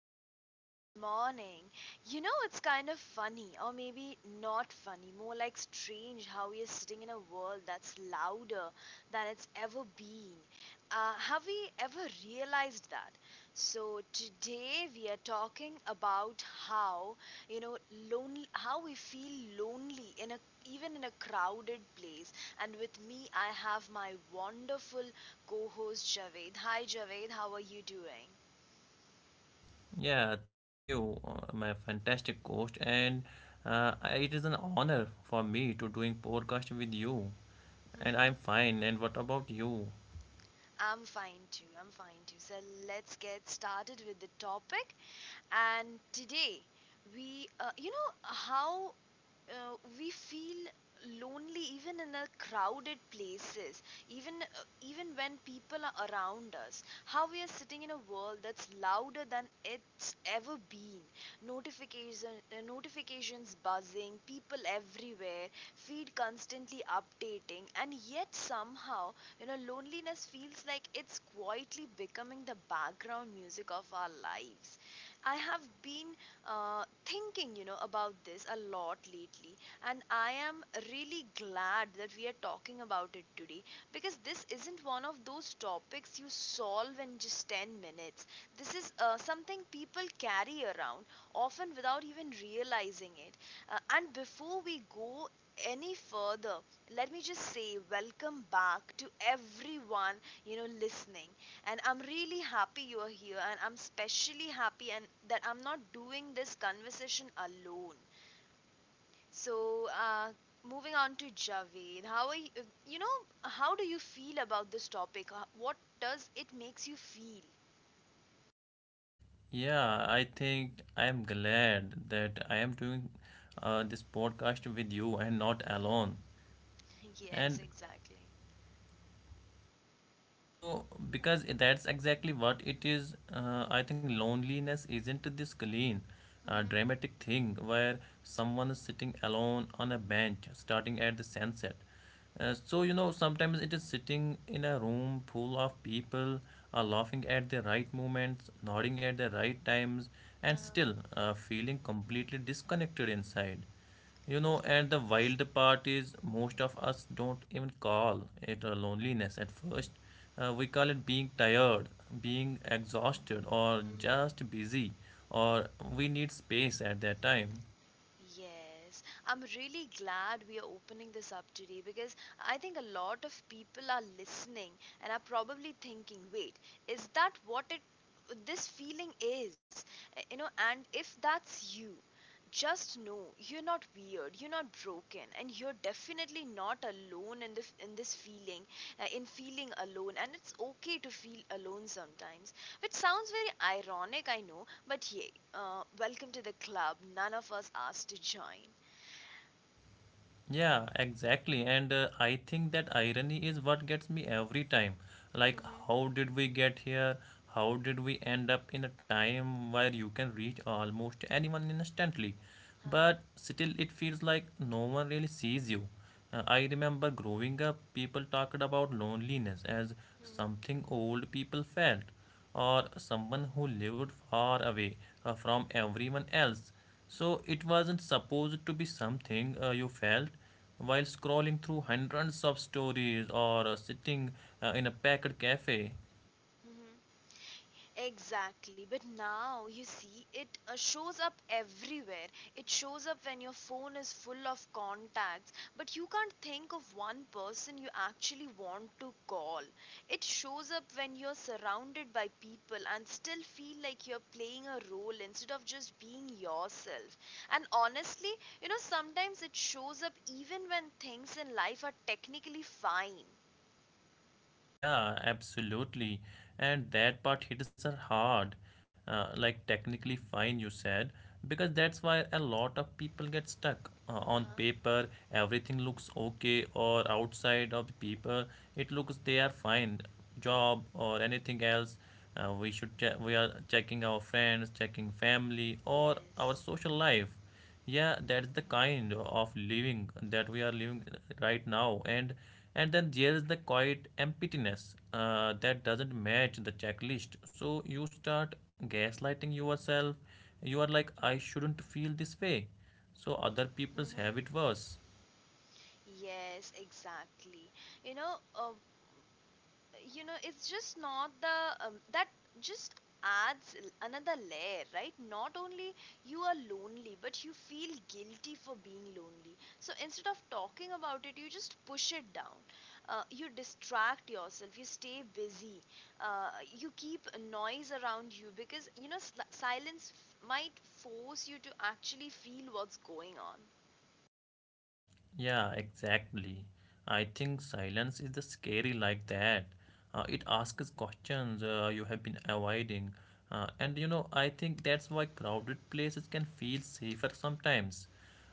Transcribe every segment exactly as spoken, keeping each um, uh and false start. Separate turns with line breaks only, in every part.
everyone and good morning. You know, it's kind of funny, or maybe not funny, more like strange how we are sitting in a world that's louder than it's ever been. Uh, have we ever realized that? So, today we are talking about how, you know, lonely, how we feel lonely in a even in a crowded place. And with me, I have my wonderful co host Javed. Hi, Javed, how are you doing?
Yeah, thank you, uh, my fantastic host, and uh, I- it is an honor for me to doing podcast with you. And I'm
Mm-hmm.
fine. And what about you?
I'm fine too. I'm fine too. So let's get started with the topic. And today, we, uh, you know, how uh, we feel lonely even in a crowded places even uh, even when people are around us, how we are sitting in a world that's louder than it's ever been. Notification uh, notifications buzzing, people everywhere, feed constantly updating, and yet somehow, you know, loneliness feels like it's quietly becoming the background music of our lives. I have been uh, thinking, you know, about this a lot lately, and I am really glad that we are talking about it today, because this isn't one of those topics you solve in just ten minutes. This is uh, something people carry around, often without even realizing it. Uh, and before we go any further, let me just say welcome back to everyone, you know, listening. And I'm really happy you're here, and I'm especially happy and that I'm not doing this conversation alone. So uh, moving on to Javed, how are you, you know, how do you feel about this topic? Uh, what does it makes you feel?
Yeah, I think I'm glad that I am doing uh, this podcast with you and not alone.
Mm-hmm. Yes,
And
exactly.
so, because that's exactly what it is, uh, I think loneliness isn't this clean, uh,
Mm-hmm.
dramatic thing where someone is sitting alone on a bench starting at the sunset. Uh, so, you know, sometimes it is sitting in a room full of people, uh, laughing at the right moments, nodding at the right times, and
uh
still uh, feeling completely disconnected inside. You know, and the
yes.
wild part is most of us don't even call it a loneliness at first. Uh, we call it being tired, being exhausted, or
Mm-hmm.
just busy, or we need space at that time.
Yes, I'm really glad we are opening this up today, because I think a lot of people are listening and are probably thinking, wait, is that what it this feeling is? Uh, You know, and if that's you, just know you're not weird, you're not broken, and you're definitely not alone in this, in this feeling uh, in feeling alone. And it's okay to feel alone sometimes, which sounds very ironic, I know, but yeah, uh, welcome to the club none of us asked to join.
Yeah, exactly. And uh, I think that irony is what gets me every time. Like,
Mhm.
how did we get here? How did we end up in a time where you can reach almost anyone instantly?
Uh-huh.
But still, it feels like no one really sees you. Uh, I remember growing up, people talked about loneliness as
Mhm.
something old people felt or someone who lived far away uh, from everyone else. So it wasn't supposed to be something uh, you felt while scrolling through hundreds of stories or uh, sitting uh, in a packed cafe.
Mhm. Exactly, but now you see it uh, shows up everywhere. It shows up when your phone is full of contacts, but you can't think of one person you actually want to call. It shows up when you're surrounded by people and still feel like you're playing a role instead of just being yourself. And honestly, you know, sometimes it shows up even when things in life are technically fine.
Yeah, absolutely. And that part hits are hard, uh, like technically fine, you said, because that's why a lot of people get stuck. Uh, on
Uh-huh.
paper, everything looks okay, or outside of the paper, it looks they are fine. Job
Uh-huh.
or anything else, uh, we should che- we are checking our friends, checking family, or our
Yes.
social life. Yeah, that's the kind of living that we are living right now, and and then there is the quiet emptiness uh, that doesn't match the checklist, so you start gaslighting yourself. You are like, I shouldn't feel this way, so other people's have
Mm-hmm.
it worse.
Yes, exactly. You know, uh, you know, it's just not the um, that just adds l- another layer, right? Not only you are lonely, but you feel guilty for being lonely. So instead of talking about it, you just push it down. Uh, you distract yourself. You stay busy. Uh, you keep a noise around you, because you know sl- silence f- might force you to actually feel what's going on.
Yeah, exactly. I think silence is the scary like that. Uh, it asks questions uh, you have been avoiding. Uh, and you know, I think that's why crowded places can feel safer sometimes.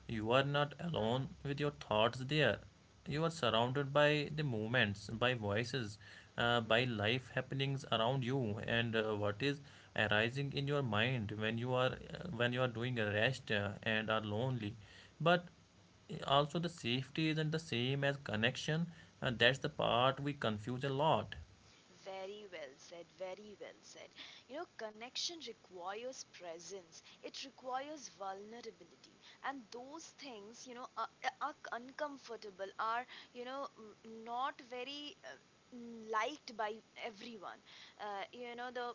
You are
Uh-huh.
not alone with your thoughts there. You are surrounded by the movements, by voices, uh, by
Mm-hmm.
life happenings around you, and uh, what is arising in your mind when you are uh, when you are doing a rest uh, and are lonely. But also, the safety isn't the same as connection, and that's the part we confuse a lot.
Very well said, very well said. You know, connection requires presence, it requires vulnerability, and those things, you know, are, are uncomfortable, are, you know, not very uh, liked by everyone. Uh, you know, the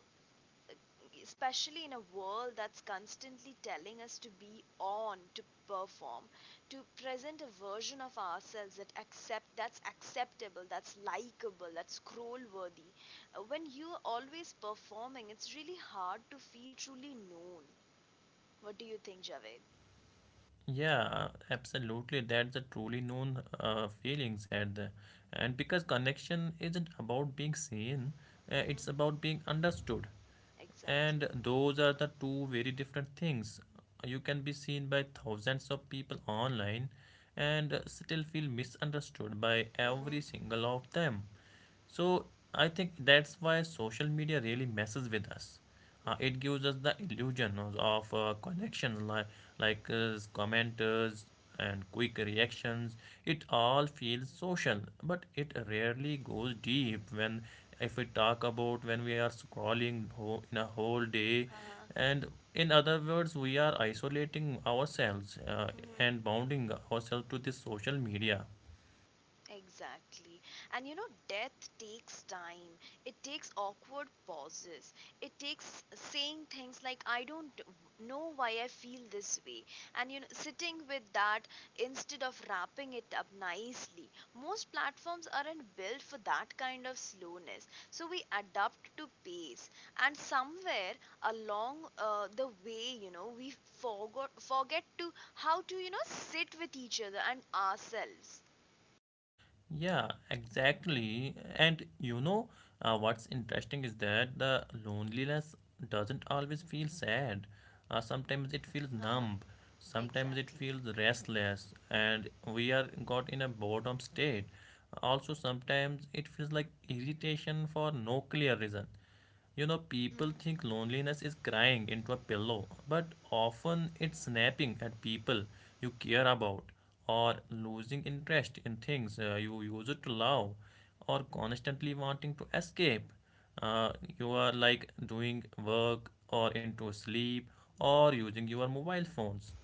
Especially in a world that's constantly telling us to be on, to perform, to present a version of ourselves that accept that's acceptable, that's likable, that's scroll worthy. When you're always performing, it's really hard to feel truly known. What do you think, Javed?
Yeah, absolutely. That's a truly known uh, feeling, said the. And because connection isn't about being seen, uh, it's
Mm-hmm.
about being understood.
Exactly.
And those are the two very different things. You can be seen by thousands of people online and still feel misunderstood by every
Mm-hmm.
single of them. So I think that's why social media really messes with us. Uh, it gives
Mm-hmm.
us the illusion of uh, connections, like like uh, commenters and quick reactions. It all feels social, but it rarely goes deep. When If we talk about when we are scrolling whole, in a whole day,
Uh-huh.
and in other words, we are isolating ourselves uh, and
Mm-hmm.
bounding ourselves to this social media.
Exactly. And you know, death takes time. It takes awkward pauses. It takes saying things like, I don't know why I feel this way. And you know, sitting with that instead of wrapping it up nicely. Most platforms aren't built for that kind of slowness. So we adapt to pace. And somewhere along uh, the way, you know, we forgot, forget to how to, you know, sit with each other and ourselves.
Yeah, exactly. And you know, uh, what's interesting is that the loneliness doesn't always feel sad. Uh, sometimes it feels numb, sometimes it
Exactly.
feels restless, and we are got in a boredom state. Also, sometimes it feels like irritation for no clear reason. You know, people
Hmm.
think loneliness is crying into a pillow, but often it's snapping at people you care about, or losing interest in things uh, you used to love, or constantly wanting to escape. Uh, you are like doing work, or into sleep, or using your mobile phones.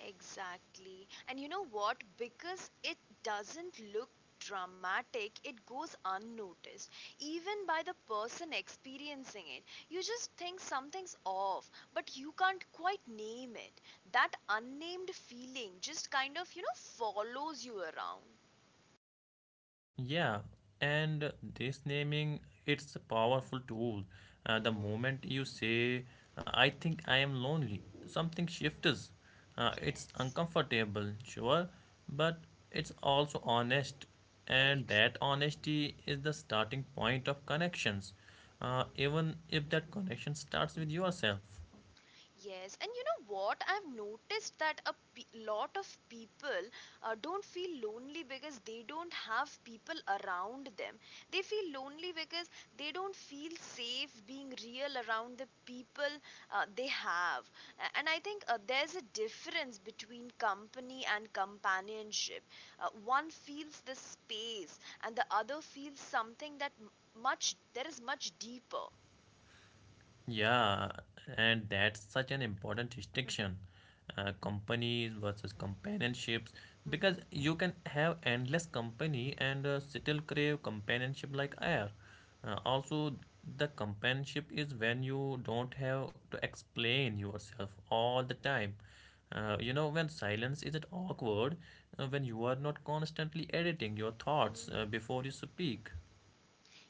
Exactly. And you know what? Because it doesn't look dramatic, it goes unnoticed, even by the person experiencing it. You just think something's off, but you can't quite name it. That unnamed feeling just kind of, you know, follows you around.
Yeah, and this naming it's a powerful tool. Uh, the
Hmm.
moment you say, uh, "I think I am lonely," something shifts. Uh, it's
Yes,
uncomfortable, sure, but it's also honest,
very
and that honesty is the starting point of connections. Uh,
true.
even if that connection starts with yourself.
Yes, and you know what? I've noticed that a pe- lot of people uh, don't feel lonely because they don't have people around them. They feel lonely because they don't feel safe being real around the people uh, they have. A- And I think uh, there's a difference between company and companionship. Uh, one feels the space, and the other feels something that m- much there is much deeper.
Yeah, and that's such an important distinction. Uh, companies versus companionships, because
Hmm.
you can have endless company and uh, still crave companionship like air. Uh, also, the companionship is when you don't have to explain yourself all the time. Uh, you know, when silence isn't awkward, uh, when you are not constantly editing your thoughts uh,
Hmm.
before you speak.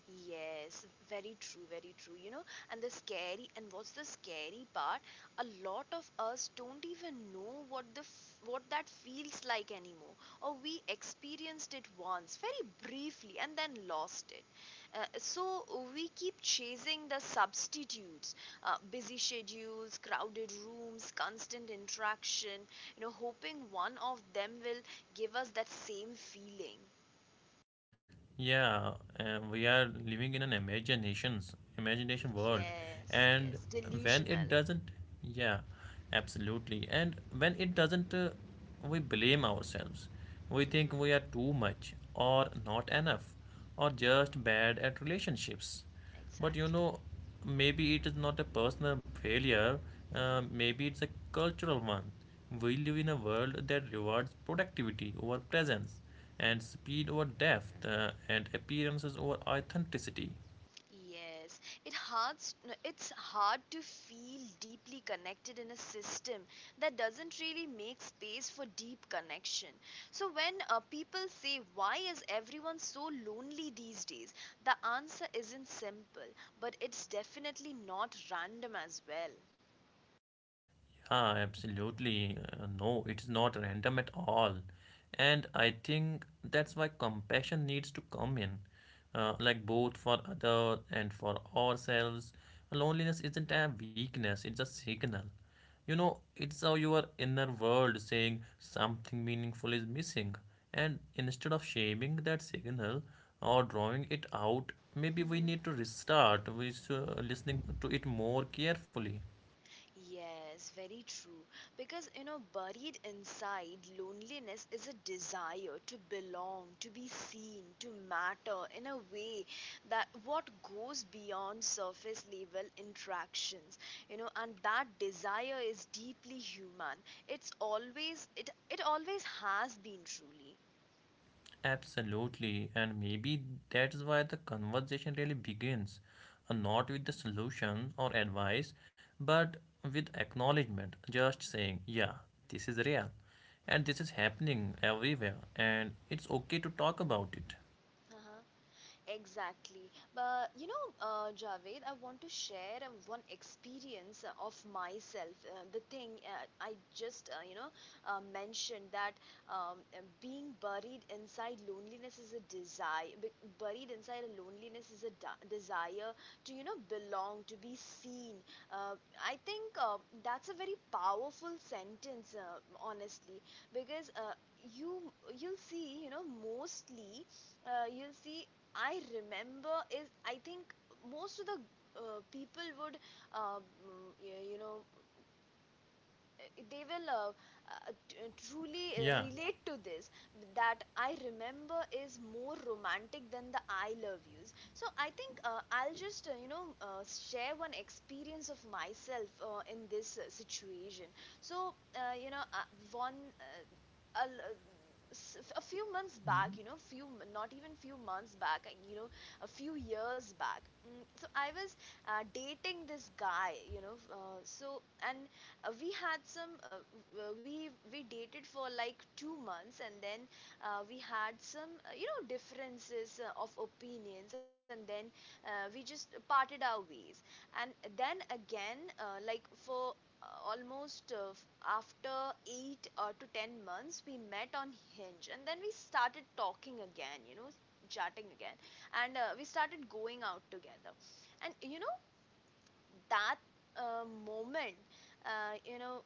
Yes, very true, very true. You know, and the scary, and what's the scary part? A lot of us don't even know what the f- what that feels like anymore, or we experienced it once, very briefly, and then lost it. Uh, so we keep chasing the substitutes, uh, busy schedules, crowded rooms, constant interaction. You know, hoping one of them will give us that same feeling.
Yeah, uh, we are living in an imaginations imagination world,
Yes, yes,
and when
delusional.
it doesn't, yeah, absolutely. And when it doesn't, uh, we blame ourselves. We think
Mm-hmm.
we are too much, or not enough, or just bad at relationships. But you
Exactly.
know, maybe it is not a personal failure, uh,
Mm-hmm.
maybe it's a cultural one. We live in a world that rewards productivity over presence, and speed over depth, uh, and appearances over authenticity.
Yes, it hard. It's hard to feel deeply connected in a system that doesn't really make space for deep connection. So when uh, people say, "Why is everyone so lonely these days?" the answer isn't simple, but it's definitely not random as well.
Yeah, absolutely. Uh, no, it is not random at all. And I think that's why compassion needs to come in, uh, like both for others and for ourselves. Loneliness isn't a weakness, it's a signal. You know, it's how your inner world saying something meaningful is missing. And instead of shaming that signal or drawing it out, maybe we need to restart with uh, listening to it more carefully.
Yes, very true. Because, you know, buried inside loneliness is a desire to belong, to be seen, to matter in a way that what goes beyond surface level interactions, you know, and that desire is deeply human. It's always, it, it always has been truly.
Absolutely, and maybe that's why the conversation really begins uh, not with the solution or advice, but with acknowledgement. Just saying, yeah, this is real, and this is happening everywhere, and it's okay to talk about it.
Uh-huh. Exactly. But you know, uh, Javed, I want to share uh, one experience uh, of myself. Uh, the thing uh, I just, uh, you know, uh, mentioned that um, uh, being buried inside loneliness is a desire. b- Buried inside a loneliness is a da- desire to, you know, belong, to be seen. Uh, I think uh, that's a very powerful sentence, uh, honestly, because uh, you you'll see, you know, mostly uh, you'll see I remember is, I think most of the uh, people would, uh, mm, you know, uh, they will uh, uh, t- truly uh,
Yeah,
relate to this, that I remember is more romantic than the I love yous. So I think uh, I'll just, uh, you know uh, share one experience of myself uh, in this uh, situation. So, uh, you know uh, one uh, a l- s- a few months
y-
back, you know, few not even few months back, uh, you know, a few years back. Mm, so I was uh, dating this guy, you know, uh, so, and uh, we had some uh, we we dated for like two months, and then uh, we had some uh, you know, differences uh, of opinions, and then uh, we just parted our ways. And then again, uh, like for uh, almost, uh, after eight or uh, to ten months, we met on Hinge, and then we started talking again, you know, chatting again. And uh, we started going out together. And you know that uh, moment, uh, you know,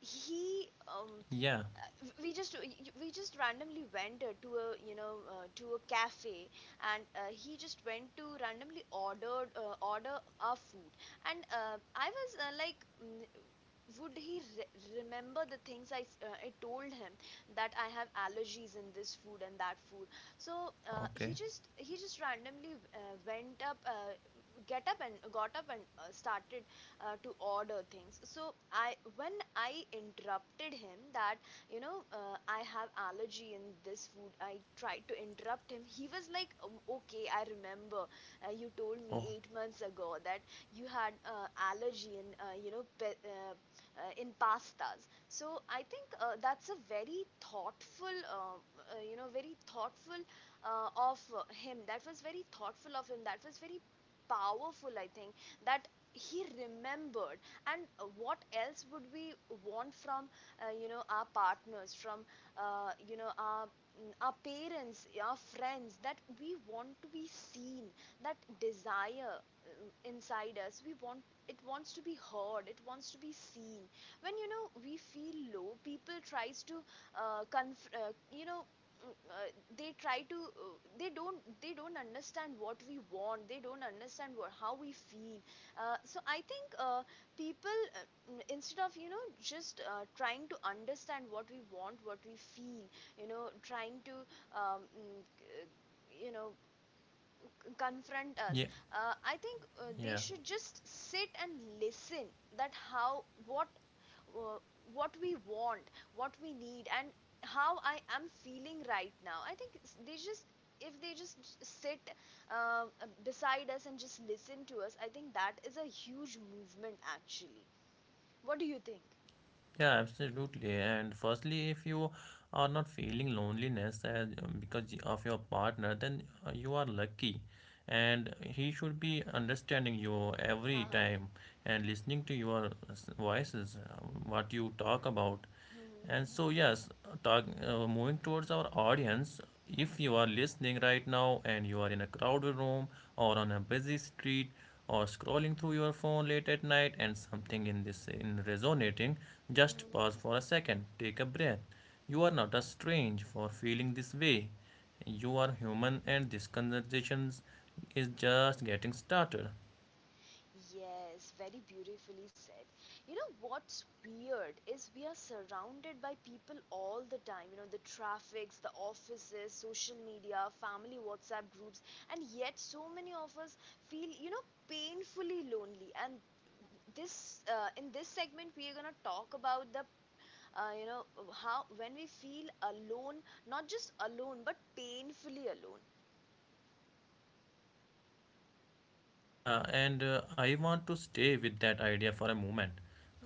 he. Um,
yeah,
uh, we just we just randomly went uh, to a, you know, uh, to a cafe. And uh, he just went to randomly ordered uh, order our food. And uh, I was uh, like, mm, would he re- remember the things I, s- uh, I told him, that I have allergies in this food and that food. So uh,
okay.
he just he just randomly uh, went up, uh, get up and got up and uh, started uh, to order things. So I, when I interrupted him that, you know, uh, I have allergy in this food, I tried to interrupt him. He was like, "Um, okay, I remember uh, you told me
Oh,
eight months ago that you had uh, allergy in, uh, you know pe- uh, uh, in pastas." So I think uh, that's a very thoughtful, uh, uh, you know, very thoughtful uh, of uh, him. That was very thoughtful of him. That was very powerful, I think, that he remembered. And uh, what else would we want from, uh, you know, our partners, from, uh, you know, our mm, our parents, our friends, that we want to be seen, that desire um, inside us. We want it wants to be heard, it wants to be seen. When you know we feel low, people tries to uh, conf- uh, you know mm, uh, they try to uh, they don't they don't understand what we want, they don't understand what, how we feel. Uh, so i think uh, people uh, mm, instead of you know just uh, trying to understand what we want, what we feel, you know, trying to um, mm, uh, you know
y-
confront us.
yeah,
Uh, i think uh, they
yeah.
should just sit and listen. That how, what, uh, what we want, what we need, and how I am feeling right now. I think they just, if they just sit uh, beside us and just listen to us, I think that is a huge movement actually. What do you think?
Yeah, absolutely. And firstly, if you are not feeling loneliness as, um, because of your partner, then uh, you are lucky, and he should be understanding you every
Uh-huh.
time and listening to your voices, uh, what you talk about. And so, yes, talk, uh, moving towards our audience, if you are listening right now and you are in a crowded room or on a busy street or scrolling through your phone late at night and something in this in resonating, just
Hmm.
pause for a second, take a breath. You are not a strange for feeling this way. You are human and this conversation is just getting started.
Yes, very beautifully said. You know what's weird is we are surrounded by people all the time. You know, the traffics, the offices, social media, family WhatsApp groups, and yet so many of us feel, you know, painfully lonely. And this uh, in this segment we are going to talk about the uh, you know how when we feel alone, not just alone but painfully alone.
Yeah, and uh, I want to stay with that idea for a moment.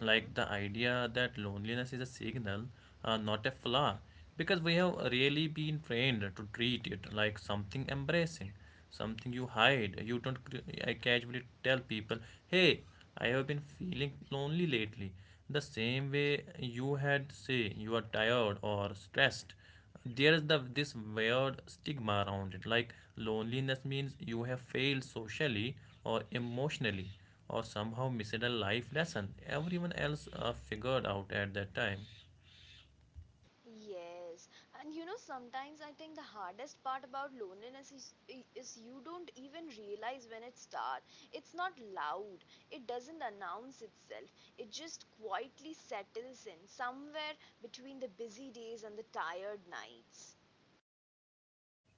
Like the idea that loneliness is a signal, uh, not a flaw. Because we have really been trained to treat it like something embracing, something you hide. You don't cr- I casually tell people, "Hey, I have been feeling lonely lately." The same way you had say you are tired or stressed, there is the this weird stigma around it, like loneliness means you have failed socially or emotionally or somehow missed a life lesson everyone else uh, figured out at that time.
Yes, and you know, sometimes I think the hardest part about loneliness is, i- is you don't even realize when it starts. It's not loud, it doesn't announce itself, it just quietly settles in somewhere between the busy days and the tired nights.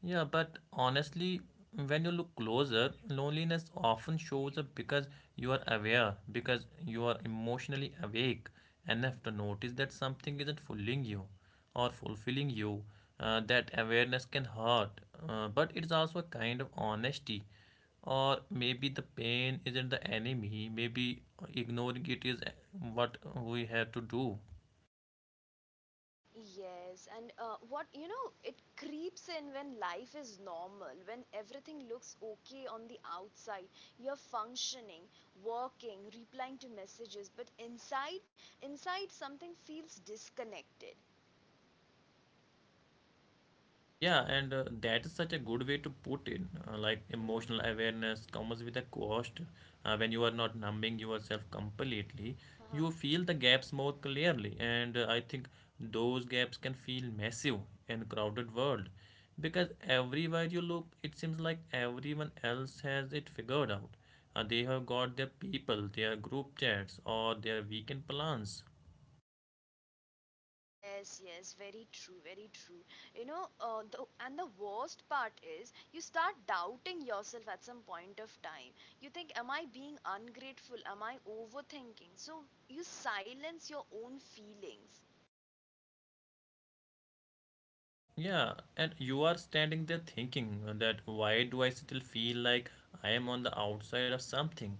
Yeah, but honestly, when you look closer, loneliness often shows up because you are aware, because you are emotionally awake enough to notice that something isn't fooling you or fulfilling you. Uh, that awareness can hurt, uh, but it's also a kind of honesty. Or maybe the pain isn't the enemy, maybe ignoring it is what we have to do.
Yes, and uh, what you know, it creeps in when life is normal, when everything looks okay on the outside. You're functioning, working, replying to messages, but inside, inside something feels disconnected.
Yeah, and uh, that is such a good way to put it. Uh, like
Mm-hmm.
emotional awareness comes with a cost. Uh, when you are not numbing yourself completely, you feel the gaps more clearly. And uh, I think those gaps can feel massive in crowded world because everywhere you look, it seems like everyone else has it figured out. Uh, they have got their people, their group chats, or their weekend plans.
Yes, yes, very true, very true. You know, uh, the, and the worst part is you start doubting yourself at some point of time. You think, am I being ungrateful? Am I overthinking? So you silence your own feelings.
Yeah, and you are standing there thinking that why do I still feel like I am on the outside of something?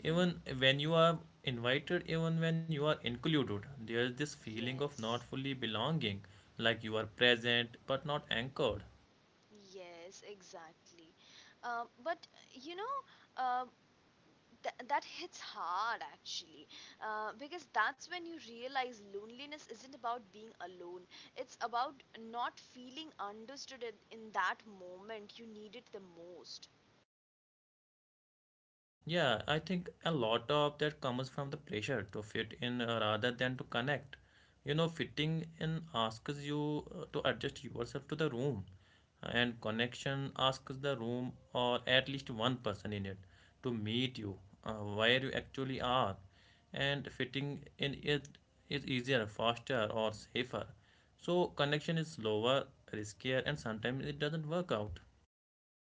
Hmm.
Even when you are invited, even when you are included, there is this feeling of
Yes,
not fully belonging, like you are present but not anchored.
yes, exactly. Uh, but you know, uh, Th- that hits hard actually, uh, because that's when you realize loneliness isn't about being alone, it's about not feeling understood in, in that moment you need it the most.
Yeah, I think a lot of that comes from the pressure to fit in uh, rather than to connect. You know, fitting in asks you uh, to adjust yourself to the room, and connection asks the room or at least one person in it to meet you uh, where you actually are. And fitting in it is easier, faster, or safer. So, connection is slower, riskier, and sometimes it doesn't work out.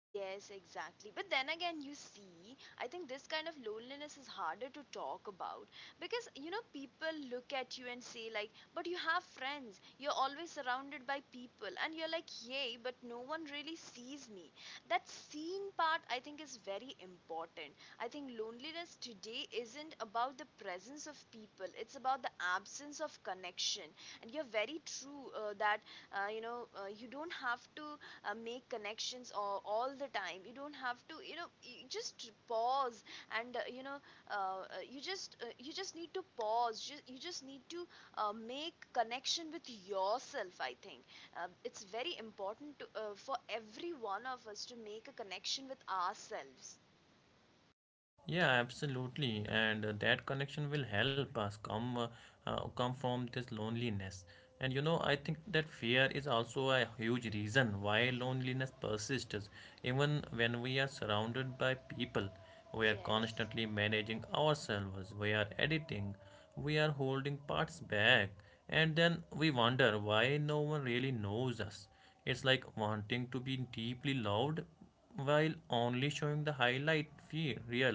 Yes, exactly. But then again, you see, I think this kind of loneliness is harder to talk about because, you know, people look at you and say, like, but you have friends, you're always surrounded by people, and you're like, yay, but no one really sees me. That seen part, I think, is very important. I think loneliness today isn't about the presence of people, it's about the absence of connection. And you're very true uh, that, uh, you know, uh, you don't have to uh, make connections all, all the time. You don't have to you know, you just pause and uh, you know uh, uh, you just uh, you just need to pause. Just, you just need to uh, make connection with yourself, I think. Uh, it's very important to, uh, for every one of us to make a connection with ourselves.
Yeah, absolutely, and uh, that connection will help us come uh, uh, come from this loneliness. And you know, I think that fear is also a huge reason why
Mm-hmm.
loneliness persists, even when we are surrounded by people. We are
Yes.
constantly managing ourselves. We are editing. We are holding parts back, and then we wonder why no one really knows us. It's like wanting to be deeply loved while only showing the highlight fee- reel.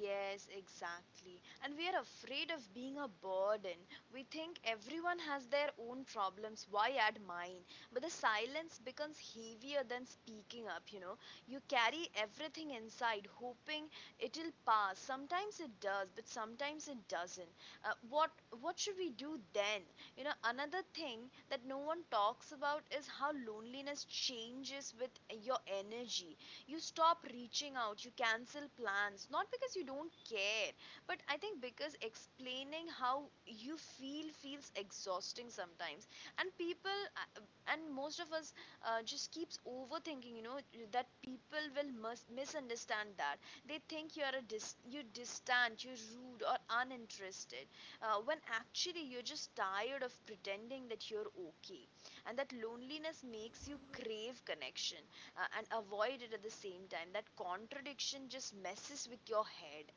Yes, exactly. And we are afraid of being a burden. We think everyone has their own problems. Why add mine? But the silence becomes heavier than speaking up, you know. You carry everything inside, hoping it'll pass. Sometimes it does, but sometimes it doesn't. Uh, what what should we do then? You know, another thing that no one talks about is how loneliness changes with your energy. You stop reaching out, you cancel plans, not because you don't care, but I think because explaining how you feel feels exhausting sometimes. And people uh, and most of us uh, just keeps overthinking, you know, that people will mis- misunderstand, that they think you are a dis- you distant, you're rude or uninterested, uh, when actually you're just tired of pretending that you're okay, and that loneliness makes you crave connection uh, and avoid it at the same time. That contradiction just messes with your head.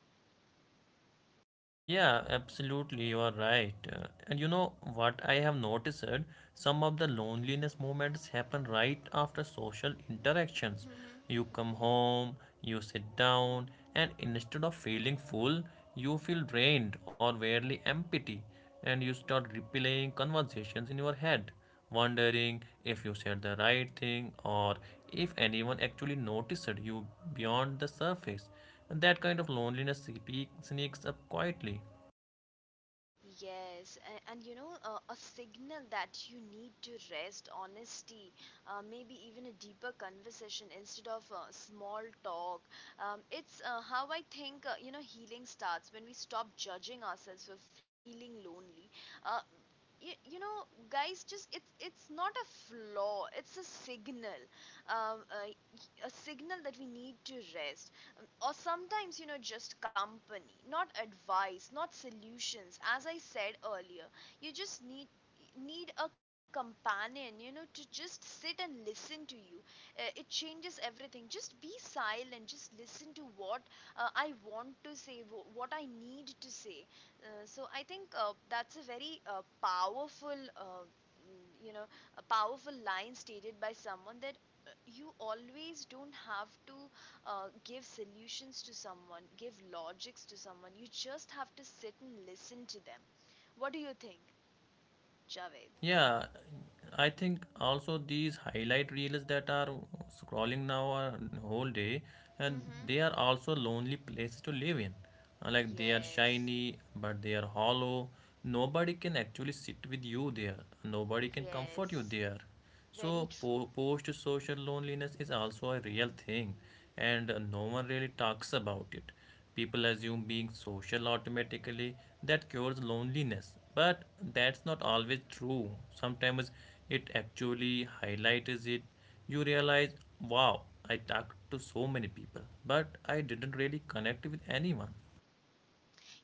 Yeah, absolutely, you are right. Uh, and you know what I have noticed? Some of the loneliness moments happen right after social interactions.
Hmm.
You come home, you sit down, and instead of feeling full, you feel drained or barely empty, and you start replaying conversations in your head wondering if you said the right thing or if anyone actually noticed you beyond the surface. That kind of loneliness sneak- sneaks up quietly.
Yes, and, and you know, uh, a signal that you need to rest, honesty, uh, maybe even a deeper conversation instead of uh, small talk. Um, it's uh, how I think, uh, you know, healing starts when we stop judging ourselves for fe- feeling lonely. Uh, you, you know guys, just it's it's not a flaw, it's a signal. um, uh, a signal that we need to rest. Um, or sometimes you know, just company, not advice, not solutions. As I said earlier, you just need need a companion, you know, to just sit and listen to you. Uh, it changes everything. Just be silent, just listen to what uh, I want to say, what I need to say. Uh, so i think uh, that's a very uh, powerful uh, mm, you know a powerful line stated by someone, that uh, you always don't have to uh, give solutions to someone, give logics to someone. You just have to sit and listen to them. What do you think, Javed?
Yeah, I think also these highlight reels that are scrolling now are whole day, and
Mm-hmm.
they are also lonely places to live in. Uh, Like they are
Yes,
shiny, but they are hollow. Nobody can actually sit with you there. Nobody can comfort you
yes,
there.
very
So,
true.
po- post social loneliness is also a real thing, and uh, no one really talks about it. People assume being social automatically that cures loneliness, but that's not always true. Sometimes it actually highlights it. You realize, wow, I talked to so many people, but I didn't really connect with anyone.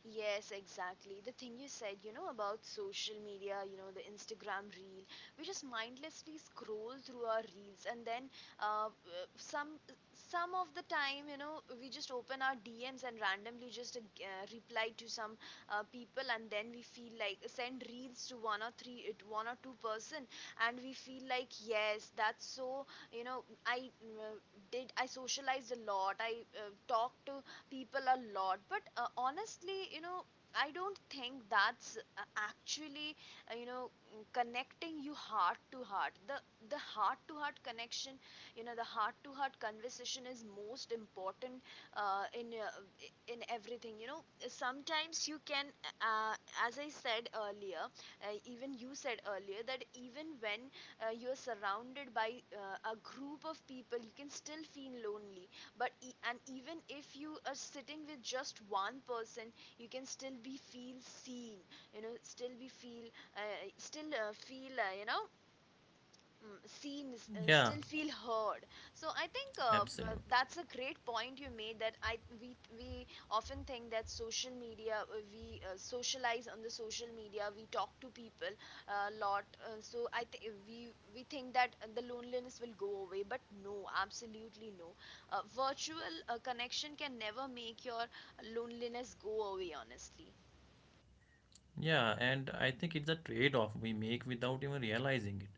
Yes, exactly. The thing you said, you know, about social media, you know, the Instagram reel, we just mindlessly scroll through our reels, and then uh, uh, some some of the time, you know, we just open our D Ms and randomly just uh, g- uh, reply to some uh, people, and then we feel like send reels to one or three, it one or two person, and we feel like yes, that's so, you know, I uh, did, I socialized a lot, I uh, talked to people a lot, but uh, honestly you know, I don't think that's uh, actually uh, you know mm, connecting you heart to heart. The the heart to heart connection, you know, the heart to heart conversation is most important uh, in uh, in everything, you know. Sometimes you can uh, as I said earlier, uh, even you said earlier, that even when uh, you're surrounded by uh, a group of people you can still feel lonely, but e- and even if you are sitting with just one person you can still be feel seen, you know, still be feel uh, still uh, feel uh, you know mm, seen, s- uh,
Yeah,
still feel heard. So i think uh, uh,
absolutely.
that's a great point you made. That I we we often think that social media uh, we uh, socialize on the social media, we talk to people a lot. Uh, so i think we we think that uh, the loneliness will go away, but no, absolutely no. Uh, virtual uh, connection can never make your loneliness go away, honestly.
Yeah, and I think it's a trade off we make without even realizing it.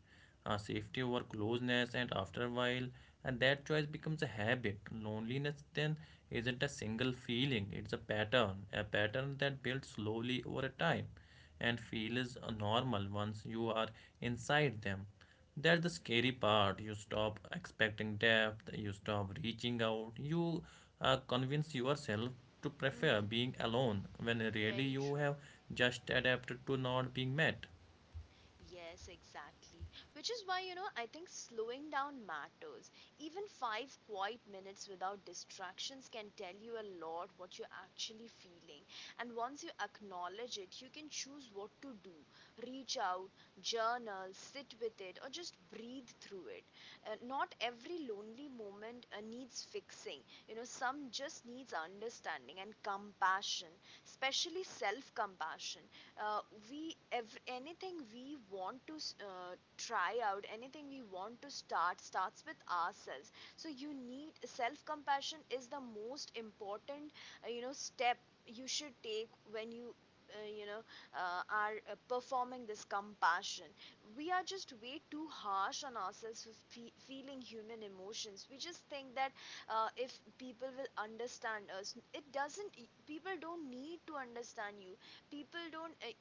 Uh, safety over closeness, and after a while, and that choice becomes a habit. Loneliness then isn't a single feeling, it's a pattern, a pattern that builds slowly over a time and feels uh, normal once you are inside them. That's the scary part. You stop expecting depth, you stop reaching out, you uh, convince yourself to
Hmm.
prefer being alone when really
Very true.
you have just adapted to not being met.
Yes, exactly. Which is why, you know, I think slowing down matters. Even five quiet minutes without distractions can tell you a lot what you're actually feeling. And once you acknowledge it, you can choose what to do: reach out, journal, sit with it, or just breathe through it. Uh, not every lonely moment uh, needs fixing. You know, some just needs understanding and compassion, especially self compassion. uh, we ev- Anything we want to uh, try out, anything we want to start, starts with ourselves. So you need self compassion is the most important uh, you know step you should take when you uh, you know uh, are uh, performing this compassion. We are just way too harsh on ourselves for fe- feeling human emotions. We just think that uh, if people will understand us, it doesn't, people don't need to understand you. People don't uh,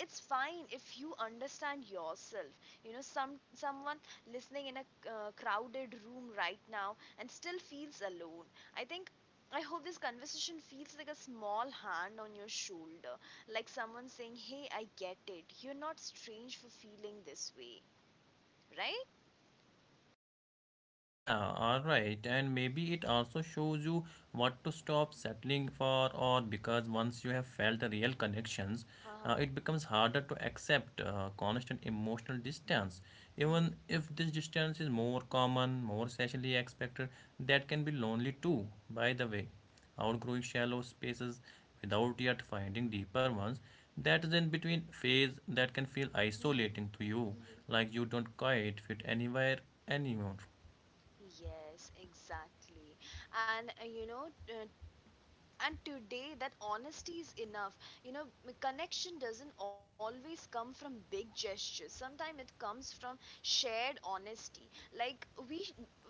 it's fine if you understand yourself. You know, some someone listening in a uh, crowded room right now and still feels alone, I think, I hope this conversation feels like a small hand on your shoulder, like someone saying, hey, I get it, you're not strange for feeling this way, right?
Yeah, all right. And maybe it also shows you what to stop settling for, or because once you have felt the real connections, uh, it
Uh-huh.
becomes harder to accept uh, constant emotional distance. Even
Mm-hmm.
if this distance is more common, more socially expected, that can be lonely too, by the way. Outgrowing shallow spaces without yet finding deeper ones, that is in between phase that can feel isolating
Mm-hmm.
to you,
Mm-hmm.
like you don't quite fit anywhere anymore.
Yes, exactly. And uh, you know, uh, and today that honesty is enough. You know, m- connection doesn't always come from big gestures, sometimes it comes from shared honesty. Like we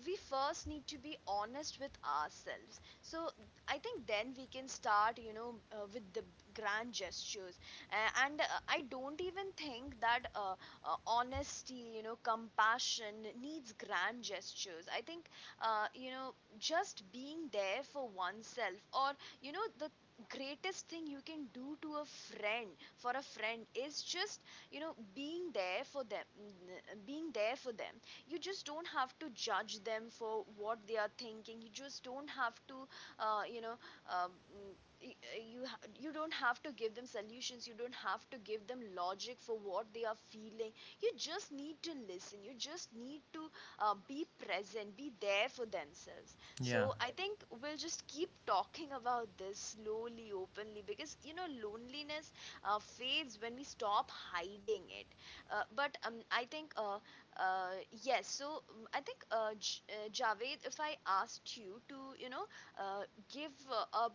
we first need to be honest with ourselves, so I think then we can start, you know, uh, with the grand gestures. A- and uh, I don't even think that uh, uh, honesty, you know, compassion needs grand gestures. I think uh, you know just being there for oneself, or you know, the greatest thing you can do to a friend, for a friend, is just, you know, being there for them, mm, being there for them. You just don't have to judge them for what they are thinking. You just don't have to uh, you know um, mm, y- you ha- you don't have to give them solutions, you don't have to give them logic for what they are feeling. You just need to listen, you just need to uh, be present, be there for themselves.
Yeah,
So I think we'll just keep talking about this slowly, openly, because you know loneliness uh, fades when we stop hiding it. Uh, but um, I think uh, uh, yes. So um, I think uh, J- uh, Javed, if I asked you to you know uh, give uh, a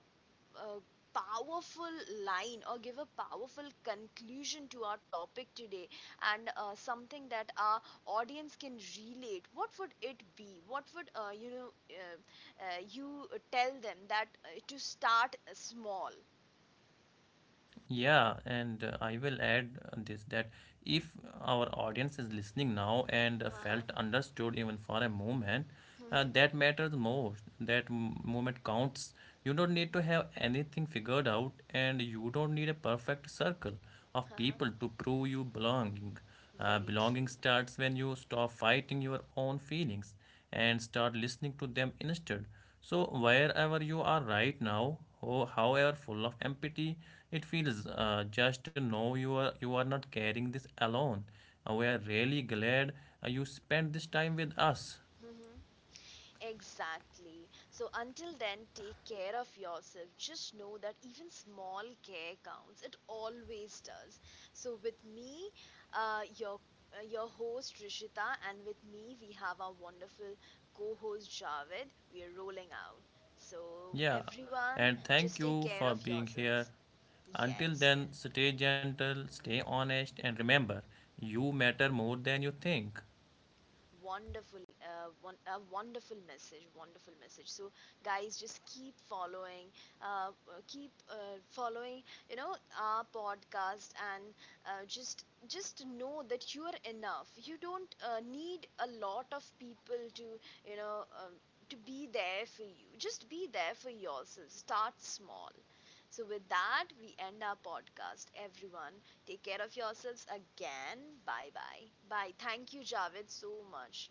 a powerful line or give a powerful conclusion to our topic today and uh, something that our audience can relate, what would it be? What would uh, you know uh, uh, you uh, tell them that uh, to start small.
yeah, and uh, I will add uh, this that if our audience is listening now and uh,
Uh-huh.
felt understood even for a moment, uh,
Mm-hmm.
that matters most. That m- moment counts. You don't need to have anything figured out, and you don't need a perfect circle of
Uh-huh.
people to prove you belonging. Uh,
Very
belonging
true.
starts when you stop fighting your own feelings and start listening to them instead. So, wherever you are right now, ho- however full of empathy it feels, uh, just to know you are, you are not carrying this alone. Uh, we are really glad uh, you spent this time with us.
Mm-hmm. Exactly. So until then, take care of yourself. Just know that even small care counts. It always does. So with me, uh, your uh, your host Rishita, and with me we have our wonderful co-host Javed. We are rolling out. So
Yeah,
everyone,
and thank
just take
you
care
for
of
being here.
yourselves.
Until
Yes, yes.
then, stay gentle, stay honest, and remember, you matter more than you think.
Wonderful uh, one, a wonderful message, wonderful message. So guys, just keep following, uh, uh, keep uh, following, you know, our podcast. And uh, just just know that you are enough. You don't uh, need a lot of people to, you know, um, to be there for you. Just be there for yourself. Start small. So with that we end our podcast, everyone. Take care of yourselves again. Bye bye. Bye. Thank you, Javed, so much.